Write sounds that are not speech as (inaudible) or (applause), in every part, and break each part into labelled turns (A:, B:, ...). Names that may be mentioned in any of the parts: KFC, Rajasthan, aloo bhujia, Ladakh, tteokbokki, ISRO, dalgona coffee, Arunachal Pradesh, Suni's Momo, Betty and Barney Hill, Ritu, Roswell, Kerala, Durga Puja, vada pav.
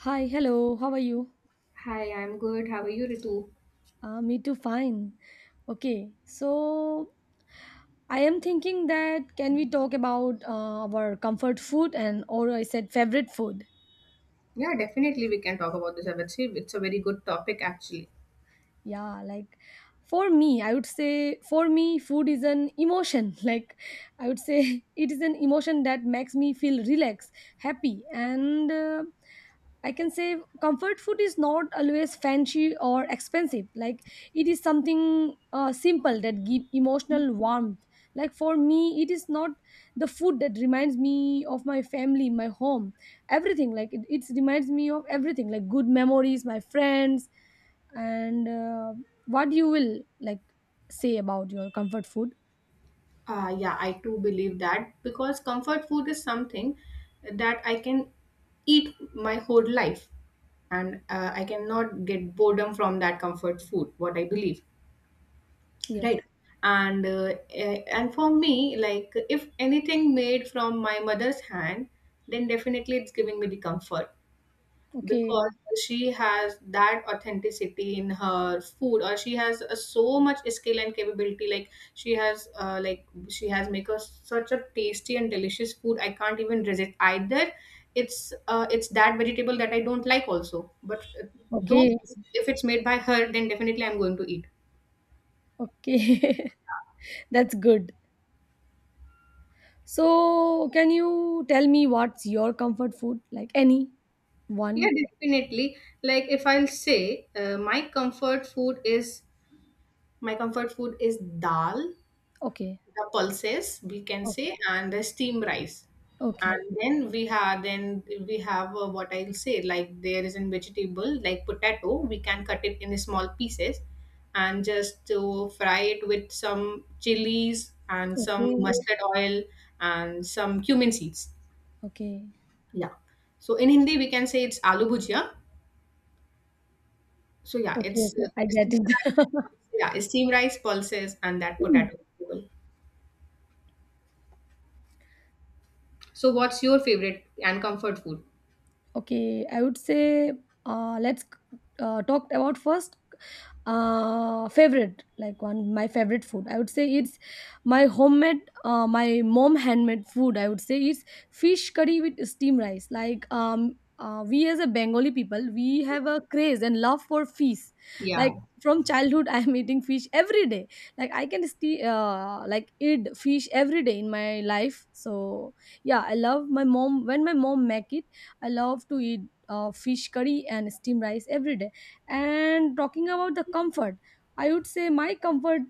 A: Hi, hello, how are you?
B: Hi, I'm good. How are you, Ritu?
A: Me too, fine. Okay, so I am thinking that can we talk about our comfort food and, or I said, favorite food?
B: Yeah, definitely we can talk about this. I would say it's a very good topic actually.
A: Yeah, like, for me I would say, for me food is an emotion. (laughs) Like, I would say, (laughs) it is an emotion that makes me feel relaxed, happy, and I can say comfort food is not always fancy or expensive. Like, it is something simple that give emotional warmth. Like, for me, it is not the food that reminds me of my family, my home, everything. Like, it reminds me of everything, like good memories, my friends, and what you will, like, say about your comfort food?
B: Yeah, I too believe that because comfort food is something that I can eat my whole life, and I cannot get boredom from that comfort food, what I believe,
A: Yes.
B: right? And for me, like if anything made from my mother's hand, then definitely it's giving me the comfort,
A: Okay.
B: because she has that authenticity in her food, or she has a, so much skill and capability. Like she has make us such a tasty and delicious food, I can't even resist either. It's that vegetable that I don't like also, but though
A: Okay.
B: if it's made by her, then definitely I'm going to eat.
A: Okay. (laughs) That's good. So can you tell me what's your comfort food, like any
B: Yeah,
A: one?
B: definitely. Like if I'll say, my comfort food is, my comfort food is dal,
A: Okay.
B: the pulses we can
A: Okay.
B: say, and the steam rice.
A: Okay.
B: And then we have, what I'll say, like there is a vegetable like potato. We can cut it in small pieces and just to fry it with some chilies and some
A: Okay.
B: mustard oil and some cumin seeds.
A: Okay.
B: Yeah. So in Hindi we can say it's aloo bhujia. So yeah,
A: Okay.
B: it's
A: Okay, I get
B: steam
A: it.
B: rice, yeah, steam rice, pulses, and that potato
A: (laughs)
B: vegetable. So what's your favorite and comfort food?
A: Okay, I would say, let's talk about first favorite, like one my favorite food. I would say it's my homemade, my mom handmade food. I would say it's fish curry with steam rice. Like we as a Bengali people, we have a craze and love for fish.
B: Yeah.
A: Like from childhood, (laughs) I am eating fish every day. Like I can sti like eat fish every day in my life. So yeah, I love my mom. When my mom make it, I love to eat fish curry and steam rice every day. And talking about the comfort, I would say my comfort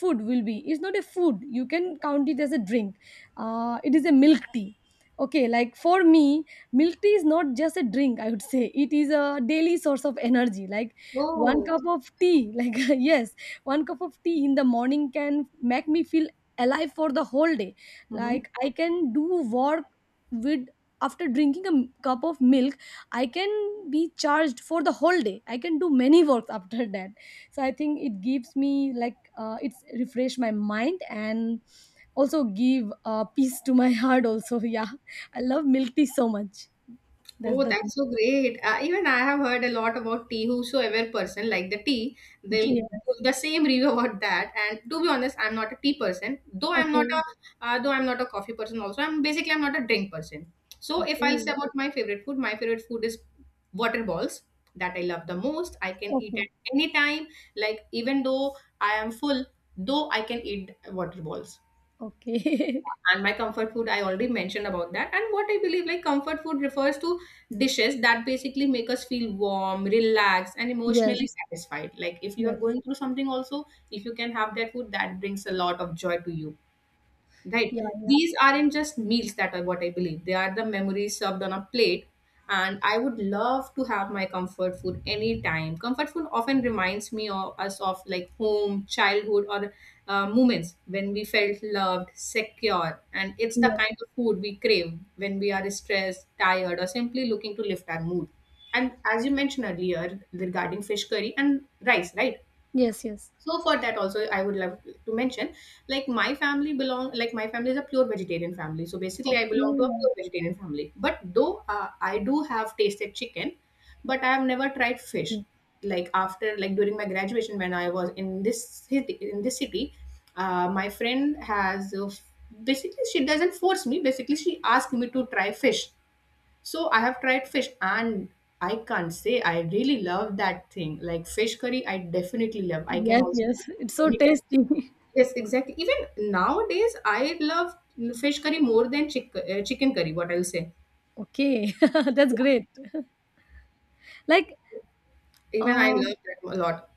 A: food will be, it's not a food, you can count it as a drink, it is a milk tea. Okay, like for me, milk tea is not just a drink. I would say it is a daily source of energy, like one
B: Oh.
A: cup of tea, like (laughs) yes, one cup of tea in the morning can make me feel alive for the whole day.
B: Hmm.
A: Like I can do work with, after drinking a cup of milk, I can be charged for the whole day. I can do many works (laughs) after that. So I think it gives me, like, it's refresh my mind, and also give peace to my heart also. (laughs) Yeah, I love milk tea so much. That's
B: Oh,
A: the thing.
B: that's so great. Even I have heard a lot about tea. Whosoever person like the tea, they'll
A: Yeah.
B: give the same review (laughs) about that. And to be honest, I'm not a tea person. Though I'm not
A: Okay.
B: a uh, though I'm not a coffee person also. I'm basically I'm not a drink person. So if I'll
A: Okay.
B: say about my favorite food is water balls, that I love the most. I can eat
A: Okay.
B: at any time. Like even though I am full, though I can eat water balls.
A: Okay. (laughs)
B: And my comfort food I already mentioned about that. And what I believe, like comfort food refers to dishes that basically make us feel warm, relaxed, and
A: Yes.
B: emotionally satisfied. Like if you are
A: Yes.
B: going through something also, if you can have that food that brings a lot of joy to you, right?
A: Yeah. Yeah.
B: These aren't just meals, that are what I believe, they are the memories served on a plate. And I would love to have my comfort food anytime. Comfort food often reminds me of us, of like home, childhood, or moments when we felt loved, secure, and it's the
A: Yes.
B: kind of food we crave when we are stressed, tired, or simply looking to lift our mood. And as you mentioned earlier regarding fish curry and rice, right?
A: Yes. Yes.
B: So for that also, I would love to mention, like my family belong, like my family is a pure vegetarian family. So basically I
A: Okay.
B: belong to a pure vegetarian family, but though, I do have tasted chicken, but I have never tried fish.
A: Okay.
B: Like after, like during my graduation, when I was in this city, in this city my friend has, basically she doesn't force me, basically she asked me to try fish. So I have tried fish, and I can't say I really love that thing. Like fish curry, I definitely love. I can
A: Yes,
B: also.
A: yes, it's so tasty.
B: Yes, exactly. Even nowadays, I love fish curry more than chicken curry, what I'll say.
A: (laughs) Okay. (laughs) That's great, like.
B: Even I
A: Um,
B: love that a lot.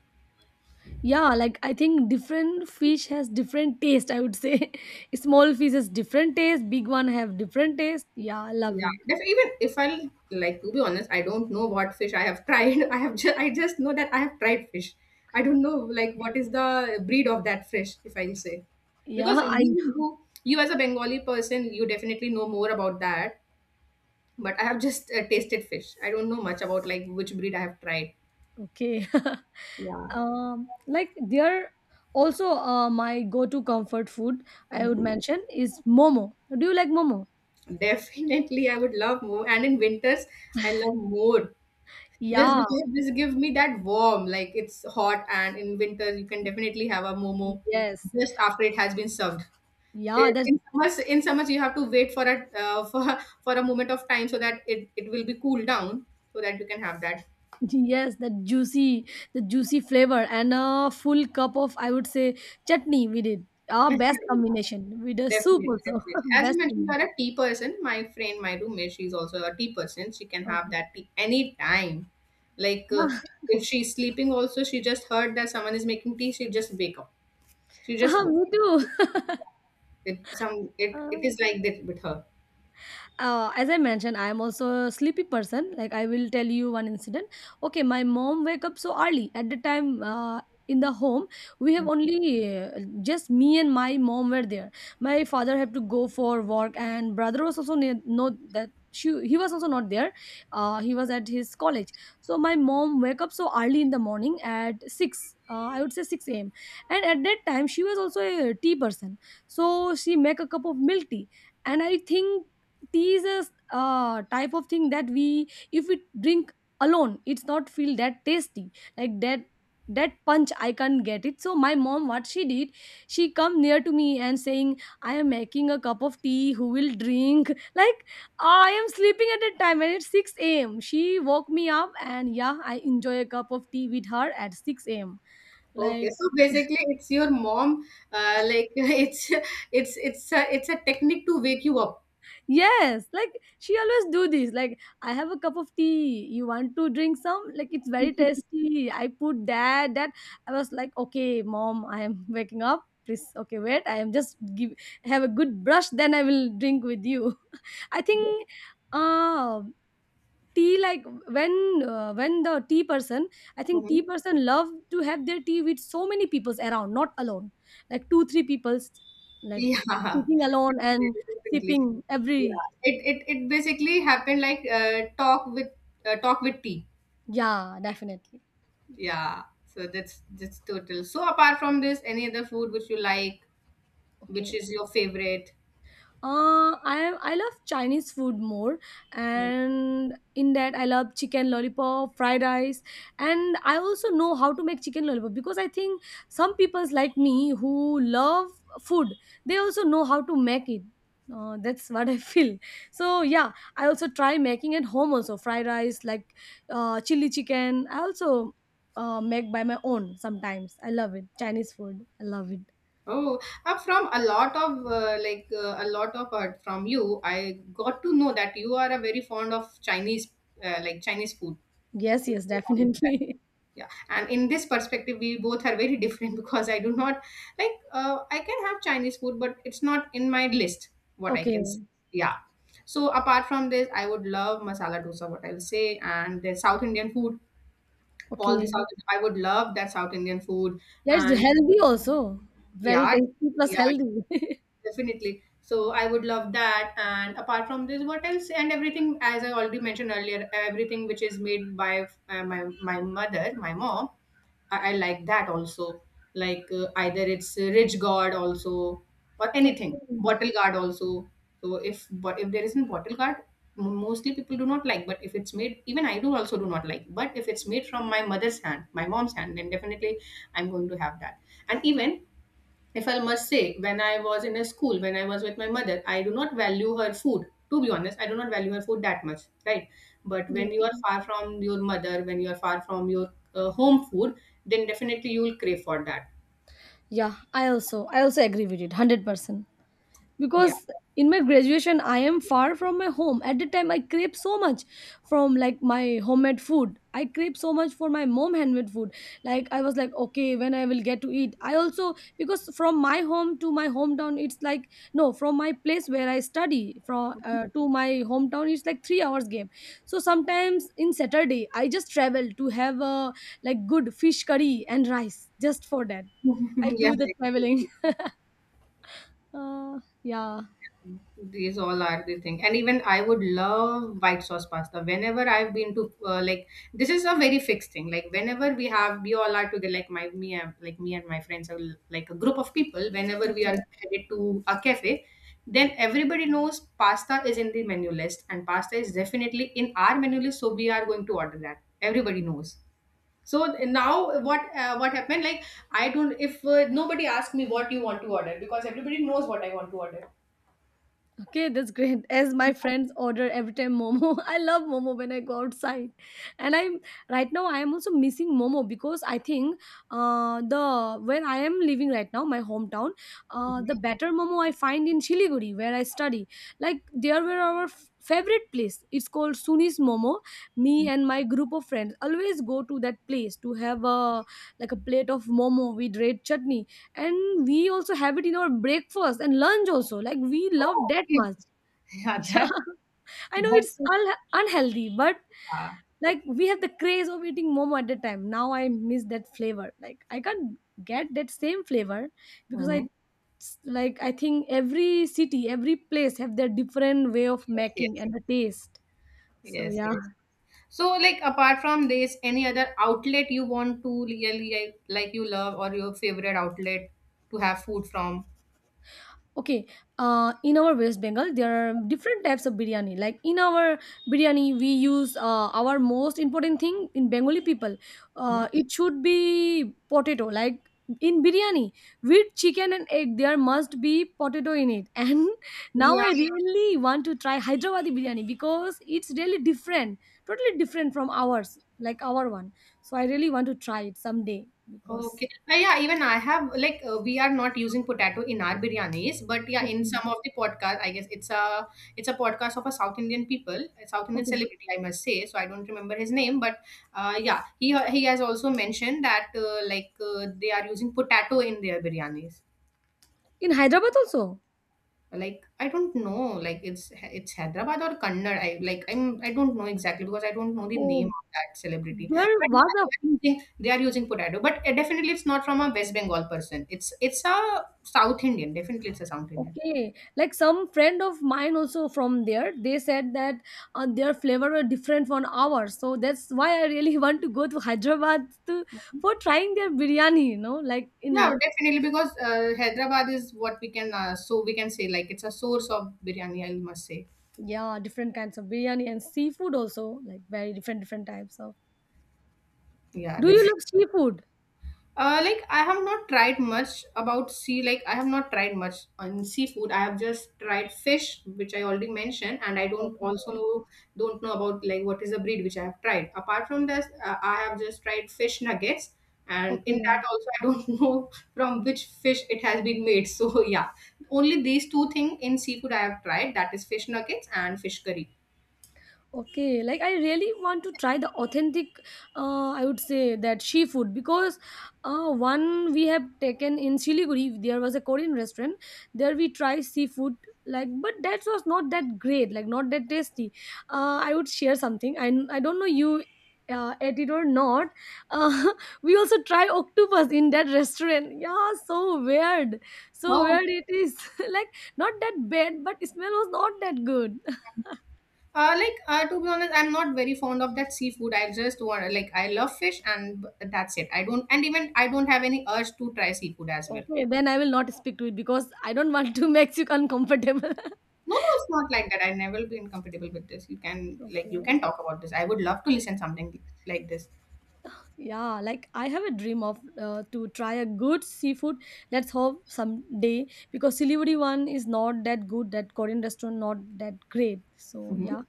A: yeah, like, I think different fish has different taste, I would say. (laughs) Small fish has different taste, big one have different taste. Yeah, I love
B: Yeah,
A: it.
B: def even if I, like to be honest, I don't know what fish I have tried. (laughs) I have just, I just know that I have tried fish. I don't know like what is the breed of that fish, if I'll say.
A: Yeah,
B: Because
A: I
B: you as a Bengali person, you definitely know more about that. But I have just tasted fish. I don't know much about like which breed I have tried.
A: okay. (laughs)
B: Yeah.
A: Like, there also my go-to comfort food I
B: Mhm.
A: would mention is momo. Do you like momo?
B: (laughs) Definitely, I would love more. And in winters, I love more. Just
A: Yeah,
B: because this gives me that warm, like it's hot, and in winter you can definitely have a momo
A: yes.
B: just after it has been served.
A: Yeah,
B: I-
A: that's
B: In summers, in summers you have to wait for a for (laughs) for a moment of time, so that it will be cooled down so that you can have that.
A: yes, that juicy, the juicy flavor and a full cup of, I would say, chutney. We did our best
B: (laughs)
A: combination with a soup
B: Definitely,
A: also.
B: definitely.
A: (laughs)
B: As
A: Best
B: you mentioned, you
A: combination.
B: are a tea person. My friend, my roommate, she's also a tea person. She can have
A: Okay.
B: that tea anytime. Like
A: Ah,
B: if she's sleeping, also she just heard that someone is making tea, she just wake up. She
A: (laughs)
B: just
A: ah,
B: woke.
A: me too.
B: It some, it
A: Ah.
B: is like that with her.
A: As I mentioned, I am also a sleepy person. Like, I will tell you one incident. Okay, my mom wake up so early at the time. In the home, we have only, just me and my mom were there. My father had to go for work, and brother was also near, no, that he was also not there. He was at his college. So my mom wake up so early in the morning at 6, I would say 6 a.m. And at that time she was also a tea person, so she make a cup of milk tea. And I think these are type of thing that we, if we drink alone, it's not feel that tasty. Like that, that punch I can't get it. So my mom, what she did, she come near to me and saying, I am making a cup of tea, who will drink? (laughs) Like, I am sleeping at that time and it's 6 a.m. She woke me up, and yeah, I enjoy a cup of tea with her at 6 a.m. Like,
B: Okay, so basically, it's your mom. Like (laughs) it's, it's a technique to wake you up.
A: yes, like she always do this. Like, I have a cup of tea. You want to drink some? Like, it's very tasty. I put that. That I was like, okay, mom, I am (laughs) waking up. Please, okay, wait. I am just give have a good brush. Then I will drink with you. (laughs) I think, uh, tea, like when when the tea person, I think tea
B: Hmm.
A: person love to have their tea with so many peoples around, not alone. Like two three peoples, like
B: Yeah, (laughs)
A: sitting alone
B: definitely,
A: and
B: definitely.
A: sipping every...
B: Yeah, it it basically happened like talk with tea.
A: Yeah, definitely.
B: Yeah, so that's total. So apart from this, any other food which you like, which
A: Okay.
B: is your favorite?
A: I love Chinese food more, and in that I love chicken lollipop, fried rice, and I also know how to make chicken lollipop because I think some people like me who love food, they also know how to make it. That's what I (laughs) feel. So yeah, I also try making at home also fried rice, like chili chicken. I also make by my own sometimes. I love it. Chinese food, I love it.
B: Oh, from a lot of like a lot of from you, I got to know that you are a very fond of Chinese, like Chinese food.
A: Yes,
B: You're
A: yes,
B: very fond of that.
A: definitely. (laughs)
B: Yeah, and in this perspective, we both are very different (laughs) because I do not like, I can have Chinese food, but it's not in my list, what I can say.
A: Okay,
B: Yeah. So apart from this, I would love masala dosa, what I'll say, and the South Indian food. All the
A: okay.
B: South, I would love that South Indian food,
A: Yeah, it's
B: and
A: healthy also. Very
B: yeah,
A: tasty plus
B: yeah,
A: healthy. (laughs)
B: definitely. So I would love that. And apart from this, what else? And everything, as I already mentioned earlier, everything which is made by my mother, my mom, I like that also. Like either it's ridge guard also, or
A: Okay.
B: anything, bottle guard also. So if, but if there isn't bottle guard, mostly people do not like. But if it's made, even I do also do not like. But if it's made from my mother's hand, my mom's hand, then definitely I'm going to have that. And even if I must say, when I was in a school, when I was with my mother, I do not value her food. To be honest, I do not value her food that much, right? But when
A: Yes.
B: you are far from your mother, when you are far from your home food, then definitely you will crave for that.
A: Yeah, I also agree with it, 100%.
B: Yeah.
A: Because in my graduation I am far from my home. At the time I crave so much from, like, my homemade food. I crave so much for my mom handmade food. Like I was like, okay, when I will get to eat? I also, because from my home to my hometown it's like, no, from my place where I study from, to my hometown, it's like 3 hours game. So sometimes in Saturday I just travel to have a, like, good fish curry and rice, just for that.
B: (laughs)
A: I
B: yeah.
A: do the traveling. (laughs) uh, yeah.
B: These all are the thing. And even I would love white sauce pasta. Whenever I've been to like, this is a very fixed thing. Like whenever we have, we all are together, like my me, and like me and my friends are like a group of people, whenever we are
A: Okay.
B: headed to a cafe, then everybody knows pasta is in the menu list, and pasta is definitely in our menu list, so we are going to order that. Everybody knows. So now what, what happened, like I don't, if nobody asks me what you want to order, because everybody knows what I want to order.
A: Okay, that's great. As my friends order every time Momo, (laughs) I love Momo when I go outside, and I'm right now I am also missing Momo because I think, the, where I am living right now, my hometown, the better Momo I find in Siliguri where I study. Like there were our favorite place. It's called Suni's Momo. Me and my group of friends always go to that place to have a, like, a plate of Momo with red chutney, and we also have it in our breakfast and lunch also. Like, we love
B: Oh,
A: that
B: okay.
A: much. (laughs)
B: Yeah,
A: Yeah.
B: that,
A: I know it's
B: that's so
A: unhealthy, but
B: far.
A: like we have the craze of eating momo at the time. Now I miss that flavor. Like I can't get that same flavor, because I,
B: Mhm.
A: like, I think every city, every place have their different way of
B: Yes,
A: making
B: yes,
A: and the taste. So
B: yes,
A: yeah.
B: yes. So, like, apart from this, any other outlet you want to really like you love, or your favorite outlet to have food from?
A: Okay. In our West Bengal there are different types of biryani. Like in our biryani we use, our most important thing in Bengali people,
B: Mhm.
A: it should be potato, like in biryani with chicken and egg there must be potato in it. (laughs) And now
B: Yeah.
A: I really want to try Hyderabadi biryani because it's really different, totally different from ours, like our one. So I really want to try it someday, because...
B: Okay. Yeah, even I have like, we are not using potato in our biryanis, but yeah, in
A: Okay.
B: some of the podcast, I guess it's a, it's a podcast of a South Indian people, a South Indian
A: Okay.
B: celebrity, I must say. So I don't remember his name, but yeah, he has also mentioned that they are using potato in their biryanis.
A: In Hyderabad also.
B: Like I don't know, like it's Hyderabad or Kannad, I like I'm I don't know exactly, because I don't know the name
A: Oh,
B: of that celebrity.
A: there
B: But
A: was
B: yeah,
A: a...
B: they are using potato, but definitely it's not from a West Bengal person, it's a South Indian, definitely it's a South Indian.
A: Okay, like some friend of mine also from there. They said that, their flavor were different from ours, so that's why I really (laughs) want to go to Hyderabad to, for trying their biryani. You know, like
B: Yeah,
A: in...
B: definitely, because Hyderabad is what we can, so we can say, like it's a source of biryani, I must say.
A: Yeah, different kinds of biryani and seafood also, like very different different types of.
B: Yeah,
A: Do you
B: definitely.
A: love seafood?
B: Like I have not tried much about sea. Like I have not tried much on seafood. I have just tried fish, which I already mentioned, and I don't also
A: Okay.
B: know don't know about like what is the breed which I have tried. Apart from this, I have just tried fish nuggets, and in
A: Okay.
B: that also I don't (laughs) know from which fish it has been made. So (laughs) yeah, only these two things in seafood I have tried. That is fish nuggets and fish curry.
A: Okay, like I really want to try the authentic, I would say that she food, because one we have taken in Siliguri, there was a Korean restaurant. There we try seafood, like, but that was not that great, like not that tasty. I would share something. I don't know you ate it or not. Uh, (laughs) we also try octopus in that restaurant. Yeah, so
B: Oh.
A: weird it is. (laughs) Like, not that bad, but smell was not that good.
B: Like to be honest, I'm not very fond of that seafood. I just want, like I love fish and that's it. I don't, and even I don't have any urge to try seafood as well.
A: Okay, then I will not speak to it because I don't want to (laughs) make you uncomfortable. (laughs)
B: No, no, it's not
A: Okay.
B: like that. I never been comfortable with this. You can you
A: Okay.
B: can talk about this. I would love to listen something like this.
A: Yeah, like I have a dream of, to try a good seafood. Let's hope someday, because Siliguri one is not that good. That Korean restaurant not that great. So
B: Hmm.
A: yeah,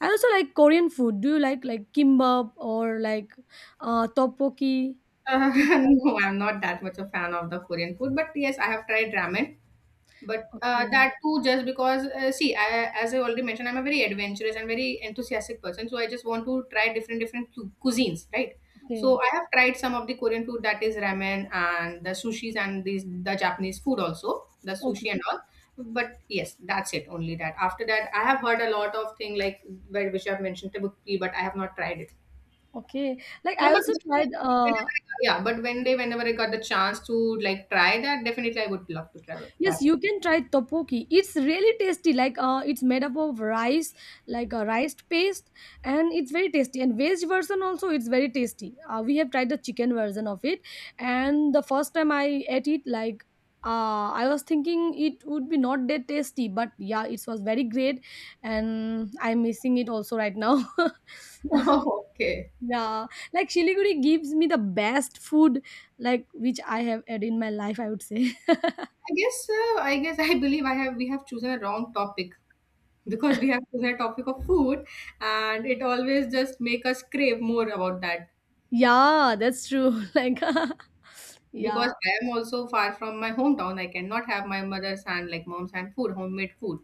A: I also like Korean food. Do you like, kimbap or like tteokbokki?
B: Uh,
A: Do you
B: (laughs)
A: like?
B: no, I'm not that much a fan of the Korean food, but yes, I have tried ramen. But
A: Okay,
B: that too, just because, see, I, as I already mentioned, I'm a very adventurous and very enthusiastic person. So I just want to try different cuisines, right?
A: okay,
B: So I have tried some of the Korean food, that is ramen and the sushis, and these the Japanese food also, the
A: okay,
B: sushi and all. But yes, that's it. Only that. After that, I have heard a lot of thing, like which I've mentioned tteokbokki, but I have not tried it.
A: okay. Like I also tried
B: Yeah, but one day, whenever I got- yeah, but one day, whenever I got the chance to like try that, definitely I would love to try. Try.
A: yes, you can try topoki. It's really tasty. Like, it's made up of rice, like a rice paste, and it's very tasty. And veg version also, it's very tasty. We have tried the chicken version of it, and the first time I ate it, like I was thinking it would be not that tasty, but yeah, it was very great, and I'm missing it also right now. (laughs)
B: (laughs) Okay.
A: Yeah, like Shiliguri gives me the best food, like which I have had in my life, I would say. (laughs)
B: I guess (laughs) I believe I have we have chosen a wrong topic, because we have chosen a topic of food, and it always just make us crave more about that,
A: Yeah, that's true. (laughs) Like (laughs)
B: because
A: yeah.
B: I am also far from my hometown. I cannot have my mother's hand like mom's hand food, homemade food.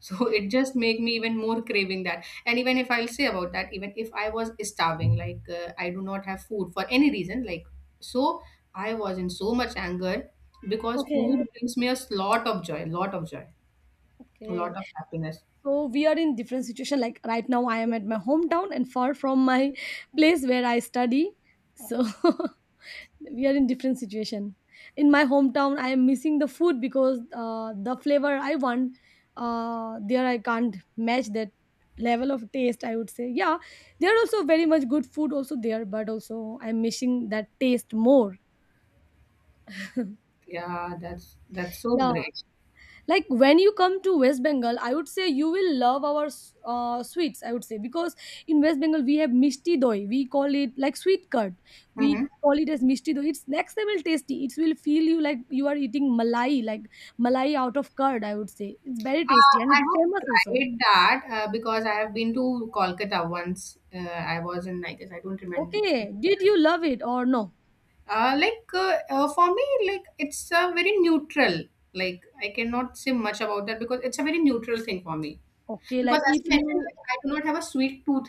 B: So (laughs) it just make me even more craving that. And even if I'll say about that, even if I was starving, like I do not have food for any reason, like, so I was in so much anger, because
A: Okay.
B: food brings me a lot of joy, a
A: Okay.
B: lot of happiness.
A: So we are in different situation. Like right now, I am at my hometown and far from my place where I study. So (laughs) we are in different situation. In my hometown, I am missing the food because the flavor I want, there I can't match that level of taste, I would say. Yeah, there are also very much good food also there, but also I'm missing that taste more.
B: Yeah, that's so
A: Yeah.
B: great.
A: Like when you come to West Bengal, I would say you will love our sweets, I would say, because in West Bengal we have mishti doi. We call it like sweet curd. We
B: Hmm.
A: call it as mishti doi. It's next level tasty. It will feel you like you are eating malai, like malai out of curd, I would say. It's very tasty and
B: I
A: it's
B: have
A: famous also.
B: tried that because I have been to Kolkata once. I was in, I guess, I don't remember.
A: Okay. Did you love it or no?
B: For me, like it's a very neutral. Like I cannot say much about that because it's a very neutral thing for me.
A: Okay,
B: Because
A: like
B: as
A: if
B: I mentioned,
A: you.
B: like, I do not have a sweet tooth,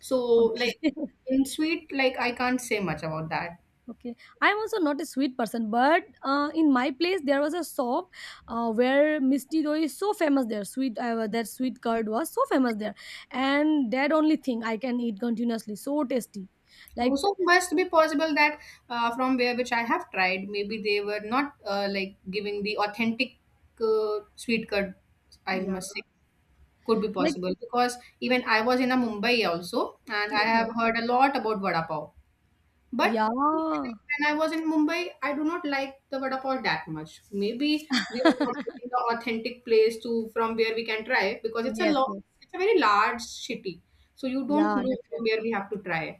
B: so like
A: Okay. (laughs)
B: in sweet, like I can't say much about that.
A: Okay, I am also not a sweet person, but in my place there was a shop where Misty Dough is so famous there. Sweet, that sweet curd was so famous there, and that only thing I can eat continuously. So tasty, like
B: Also, must be possible that from where which I have tried, maybe they were not like giving the authentic sweet curd. I
A: yeah,
B: must say could be
A: like
B: possible, because even I was in a Mumbai also, and I have
A: okay,
B: heard a lot about vada pav. But
A: yeah,
B: when I was in Mumbai, I do not like the vada pav that much. Maybe we are not getting the authentic place to from where we can try, because it's a
A: yes,
B: long,
A: yes,
B: it's a very large city, so you don't
A: yeah,
B: know from
A: definitely,
B: where we have to try.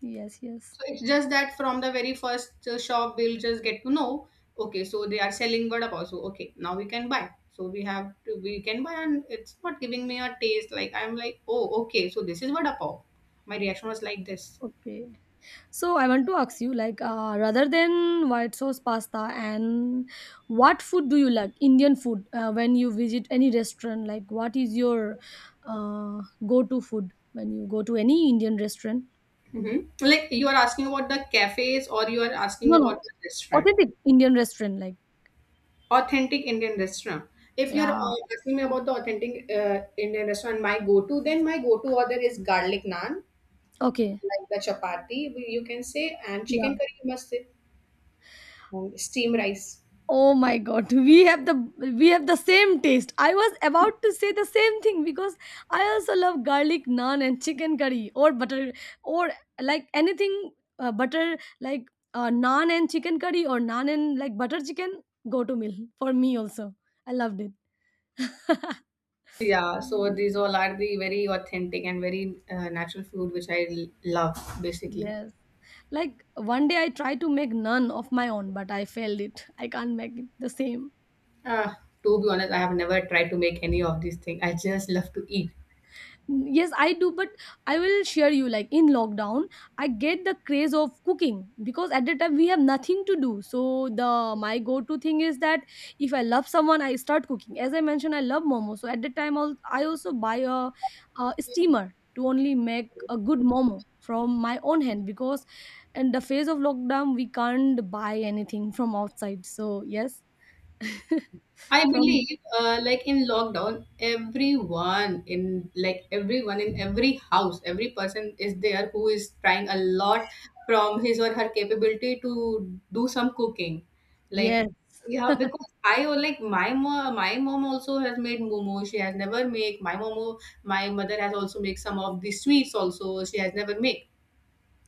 A: yes, yes,
B: So it's just that from the very first shop, we'll just get to know, okay, so they are selling vada pav, so okay, now we can buy. So we have to, we can buy, and it's not giving me a taste. Like I'm like, oh, okay, so this is vada pav. My reaction was like this.
A: okay. So I want to ask you, like, rather than white sauce pasta, and what food do you like? Indian food. When you visit any restaurant, like, what is your go-to food when you go to any Indian restaurant?
B: Hmm. Like you are asking about the cafes or you are asking
A: No, no,
B: about the restaurant,
A: authentic Indian restaurant. Like,
B: authentic Indian restaurant. If you're
A: yeah,
B: asking me about the authentic Indian restaurant, my go-to, then my go-to order is garlic naan,
A: okay,
B: like the chapati, you can say, and
A: yeah.
B: chicken curry, you must say. Steamed rice.
A: Oh my god, we have the same taste. I was about to say the same thing, because I also love garlic naan and chicken curry or butter or like anything butter like naan and chicken curry or naan and like butter chicken go to meal for me also. I loved it. (laughs)
B: Yeah, so
A: Mm.
B: these all are the very authentic and very natural food which I love basically.
A: Yes. Like one day I tried to make naan of my own, but I failed it. I can't make it the same.
B: Ah, to be honest, I have never tried to make any of these things. I just love to eat.
A: Yes, I do. But I will share you, like in lockdown I get the craze of cooking, because at that time we have nothing to do, so the my go to thing is that if I love someone I start cooking. As I mentioned, I love momo, so at that time I'll, I also buy a steamer to only make a good momo from my own hand, because in the phase of lockdown we can't buy anything from outside. So yes. (laughs)
B: I
A: From
B: believe, like in lockdown, everyone in every house, every person is there who is trying a lot from his or her capability to do some cooking. Like,
A: yes.
B: yeah, because I or like my mom also has made momo. She has never make my momo. My mother has also make some of the sweets. Also, she has never make.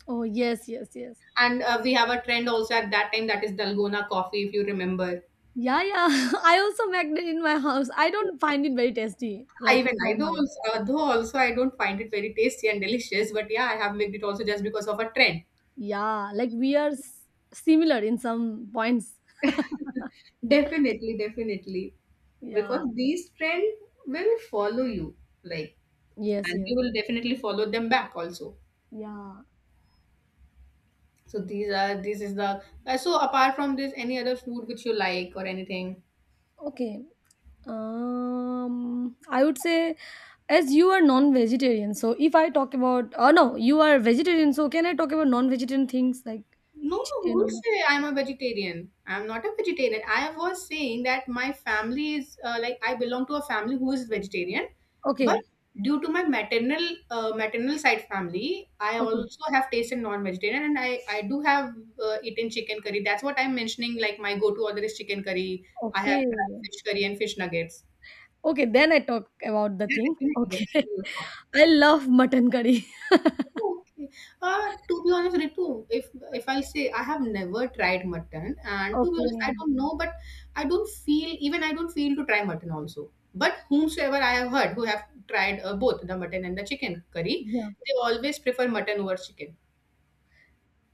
A: Oh yes, yes, yes.
B: And we have a trend also at that time, that is dalgona coffee, if you remember.
A: Yeah, yeah. (laughs) I also make it in my house. I don't find it very tasty,
B: I
A: like
B: even I
A: from
B: do
A: my.
B: also, though also I don't find it very tasty and delicious, but yeah, I have made it also just because of a trend.
A: Yeah, like similar in some points.
B: Definitely, definitely.
A: Yeah.
B: Because these trend will follow you. Like,
A: Yes,
B: and you
A: yes.
B: will definitely follow them back also,
A: Yeah.
B: so these are this is the so apart from this, any other food which you like or anything?
A: Okay. I would say, as you are non-vegetarian, so if I talk about, oh no, you are vegetarian, so can I talk about non-vegetarian things like
B: No, no,
A: chicken or
B: who
A: meat?
B: say I'm a vegetarian? I'm not a vegetarian. I was saying that my family is like I belong to a family who is vegetarian,
A: Okay.
B: but due to my maternal maternal side family, I
A: Okay.
B: also have tasted non-vegetarian, and I do have eaten chicken curry. That's what I'm mentioning. Like my go-to order is chicken curry. I have
A: Okay.
B: tried fish curry and fish nuggets.
A: Okay, then I talk about the
B: Yeah,
A: thing.
B: definitely,
A: Okay.
B: definitely.
A: (laughs) I love mutton curry. (laughs)
B: Okay. To be honest, Ritu, if I'll say I have never tried mutton, and to be honest,
A: Okay.
B: I don't know, but I don't feel to try mutton also. But whomsoever I have heard who have tried both the mutton and the chicken curry,
A: Yeah.
B: they always prefer mutton over chicken.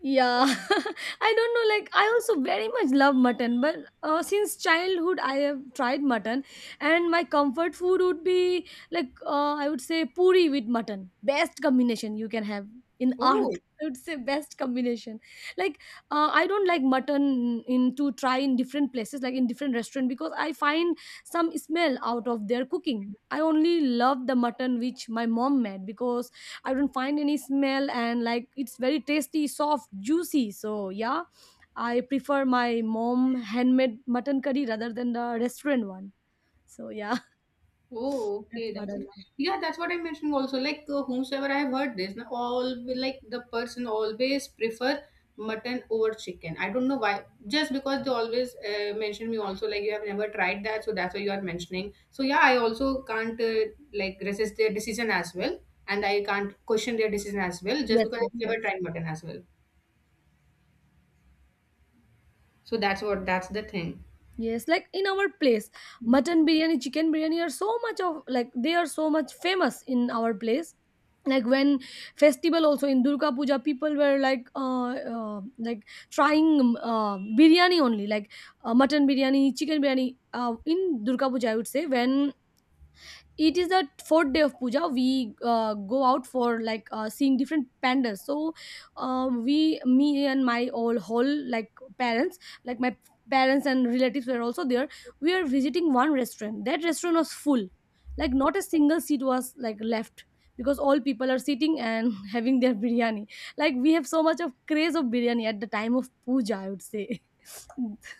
A: Yeah. (laughs) I don't know, like I also very much love mutton, but since childhood I have tried mutton, and my comfort food would be like, I would say, puri with mutton. Best combination you can have in earth.
B: Oh.
A: (laughs) I would say best combination. Like I don't like mutton in to try in different places, like in different restaurant, because I find some smell out of their cooking. I only love the mutton which my mom made, because I don't find any smell and like it's very tasty, soft, juicy. So yeah, I prefer my mom handmade mutton curry rather than the restaurant one. So yeah,
B: Oh,
A: (laughs) that's
B: okay.
A: what I
B: That's it.
A: love.
B: Yeah, that's what I'm mentioning also. Like whomsoever I have heard this, na, all like the person always prefer mutton over chicken. I don't know why. Just because they always mention me also like you have never tried that, so that's why you are mentioning. So yeah, I also can't like resist their decision as well, and I can't question their decision as well, just
A: Yes,
B: because
A: yes,
B: I've never
A: yes.
B: tried mutton as well. So that's what that's the thing.
A: Yes, like in our place, mutton biryani, chicken biryani are so much of like they are so much famous in our place. Like when festival also in Durga Puja, people were like trying biryani only, like mutton biryani, chicken biryani. In Durga Puja, I would say, when it is the fourth day of puja we go out for like seeing different pandas, so we me and my all whole like parents, like my parents and relatives were also there. We are visiting one restaurant. That restaurant was full, like not a single seat was like left, because all people are sitting and (laughs) having their biryani. Like we have so much of craze of biryani at the time of puja, I would say. (laughs)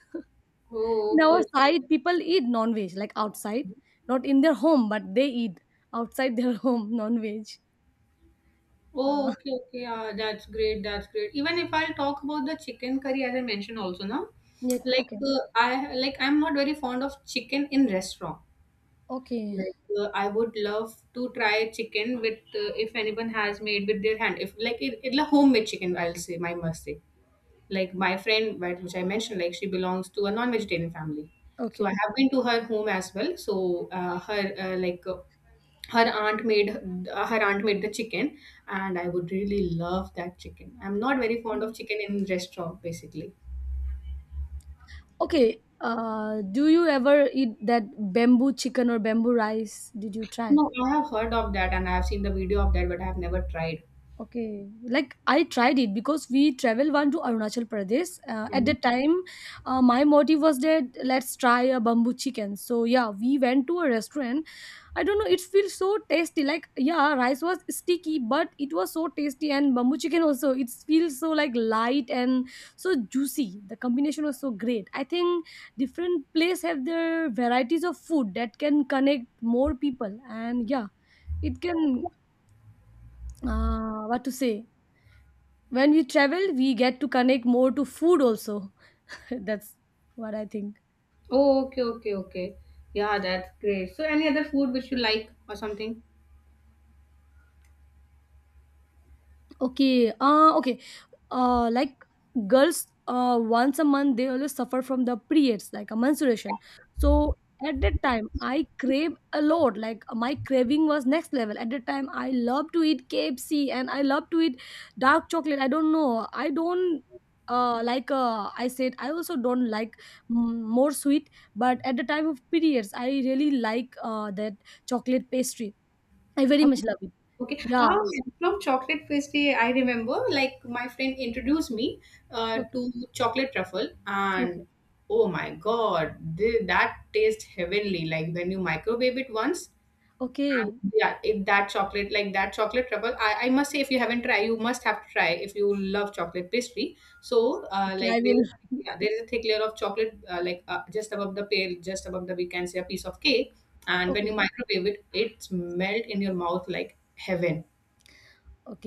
B: Oh,
A: In our
B: okay.
A: side people eat non-veg like outside, not in their home, but they eat outside their (laughs) home non-veg. Uh,
B: Oh, okay, okay. Yeah, that's great. That's great. Even if I'll talk about the chicken curry, as I mentioned also now,
A: yeah,
B: like
A: okay,
B: I'm not very fond of chicken in restaurant.
A: okay,
B: Like I would love to try chicken with if anyone has made with their hand. If like it like homemade chicken, I'll say. I must say. Like my friend, right, which I mentioned, like she belongs to a non-vegetarian family. So I
A: okay.
B: have been to her home as well. So her aunt made the chicken, and I would really love that chicken. I'm not very fond
A: Mm.
B: of chicken in restaurant basically.
A: Okay, do you ever eat that bamboo chicken or bamboo rice? Did you try?
B: No, I have heard of that, and I have seen the video of that, but I have never tried.
A: Okay, like I tried it because we travel one to Arunachal Pradesh. At
B: Mhm.
A: that time, my motive was that let's try a bamboo chicken. So yeah, we went to a restaurant. I don't know, it feels so tasty. Like yeah, rice was sticky, but it was so tasty, and bamboo chicken also. It feels so like light and so juicy. The combination was so great. I think different place have their varieties of food that can connect more people, and yeah, it can what to say, when we travel we get to connect more to food also. (laughs) That's what I think.
B: Oh, okay, okay, okay. Yeah, that's great. So any other food which you like or something?
A: Okay. Okay. Like girls, once a month they always suffer from the periods, like a menstruation. So at that time, I crave a lot. Like my craving was next level. At that time, I love to eat KFC and I love to eat dark chocolate. I don't know. I don't. Like I said, I also don't like more sweet, but at the time of periods, I really like that chocolate pastry. I very
B: Oh,
A: much love it.
B: okay.
A: Yeah.
B: Ah, from chocolate pastry, I remember like my friend introduced me
A: Okay.
B: to chocolate truffle,
A: Okay.
B: and oh my god, that tastes heavenly, like when you microwave it once. And
A: Okay.
B: yeah, it, that chocolate, like that chocolate trouble, I must say, if you haven't tried, you must have to try if you love chocolate pastry. So,
A: Okay,
B: like
A: I
B: there,
A: will.
B: yeah,
A: (laughs)
B: there is a thick layer of chocolate, just above the pale, just above the, we can say, a piece of cake, and when you
A: Okay,
B: microwave it, it's melt in your mouth like heaven.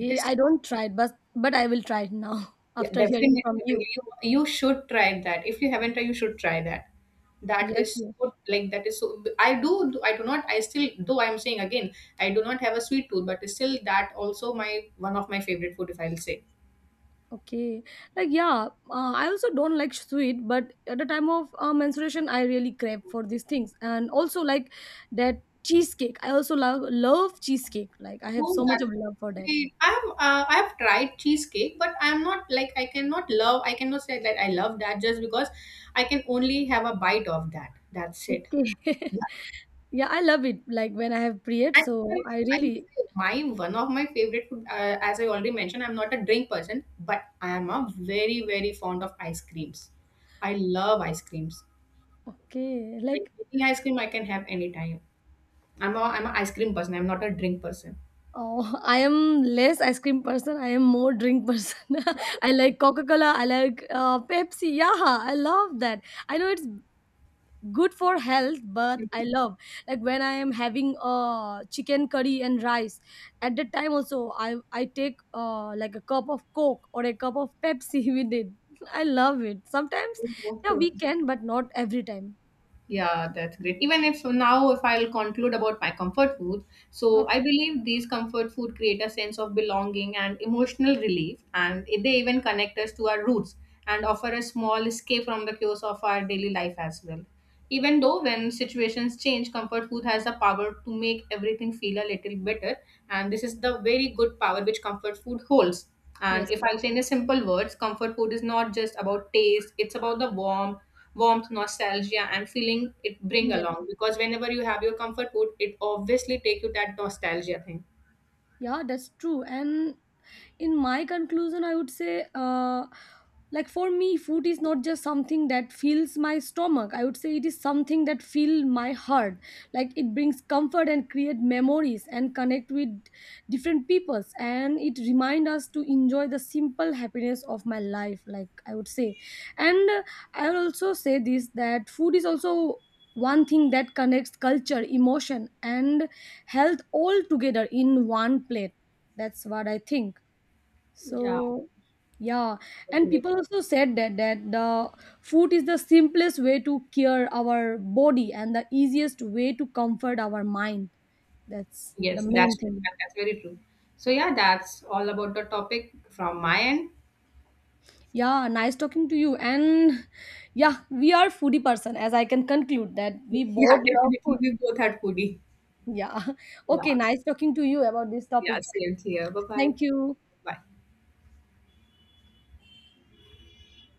B: It is
A: I
B: so.
A: don't try it, but I will try it now (laughs)
B: Yeah,
A: after hearing
B: definitely,
A: from
B: definitely.
A: you.
B: You should try that. If you haven't tried, you should try that. That
A: Yes,
B: is
A: yes.
B: so. Like that is so. I do. I do not. I still. Though I am saying again, I do not have a sweet tooth, but still, that also my one of my favorite food, if I'll say.
A: Okay, like yeah. I also don't like sweet, but at the time of menstruation, I really crave for these things, and also like that cheesecake. I also love love cheesecake. Like I have
B: Oh,
A: so much
B: that's
A: of love for that.
B: great. I have. I have tried cheesecake, but I am not like I cannot love. I cannot say that I love that, just because I can only have a bite of that. That's it.
A: Okay. (laughs) Yeah, I love it. Like when I have period,
B: And even
A: so I
B: if I
A: really
B: say my one of my favorite food, as I already mentioned, I'm not a drink person, but I am a very very fond of ice creams. I love ice creams.
A: okay.
B: Like
A: Like
B: any ice cream, I can have anytime. I'm an ice cream person. I'm not a drink person.
A: Oh, (laughs) I am less ice cream person. I am more drink person. (laughs) I like Coca Cola. I like Pepsi. Yeah, I love that. I know it's good for health, but I love like when I am having chicken curry and rice. At that time also, I take like a cup of Coke or a cup of Pepsi (laughs) with it. I love it. Sometimes, yeah,
B: Okay,
A: we
B: okay.
A: can, but not every time.
B: Yeah, that's great. Even if so now, if I'll conclude about my comfort food, so
A: Okay.
B: I believe these comfort food create a sense of belonging and emotional relief, and they even connect us to our roots and offer a small escape from the chaos of our daily life as well. Even though when situations change, comfort food has the power to make everything feel a little better, and this is the very good power which comfort food holds. And
A: Yes.
B: if
A: Yes.
B: I'll say in a simple words, comfort food is not just about taste; it's about the warmth, nostalgia, and feeling it bring
A: Yes.
B: along.
A: Yes.
B: Because whenever you have your comfort food, it obviously take you that nostalgia thing.
A: Yeah, that's true. And in my conclusion I would say like for me food is not just something that fills my stomach, I would say it is something that fills my heart. Like it brings comfort and create memories and connect with different peoples, and it remind us to enjoy the simple happiness of my life, like I would say. And I will also say this, that food is also one thing that connects culture, emotion, and health all together in one plate. That's what I think.
B: Yeah,
A: So yeah, and
B: definitely.
A: people also said that that the food is the simplest way to cure our body and the easiest way to comfort our mind. That's the
B: Yes,
A: main
B: that's true.
A: thing.
B: That's very true. So yeah, that's all about the topic from my end.
A: Yeah, nice talking to you. And yeah, we are foodie person, as I can conclude that we
B: (laughs) Yeah,
A: both love food.
B: definitely we both had foodie.
A: Yeah. (laughs) Okay,
B: Yeah,
A: nice talking to you about this
B: yeah,
A: topic.
B: same here. Bye bye.
A: Thank you.
B: Bye.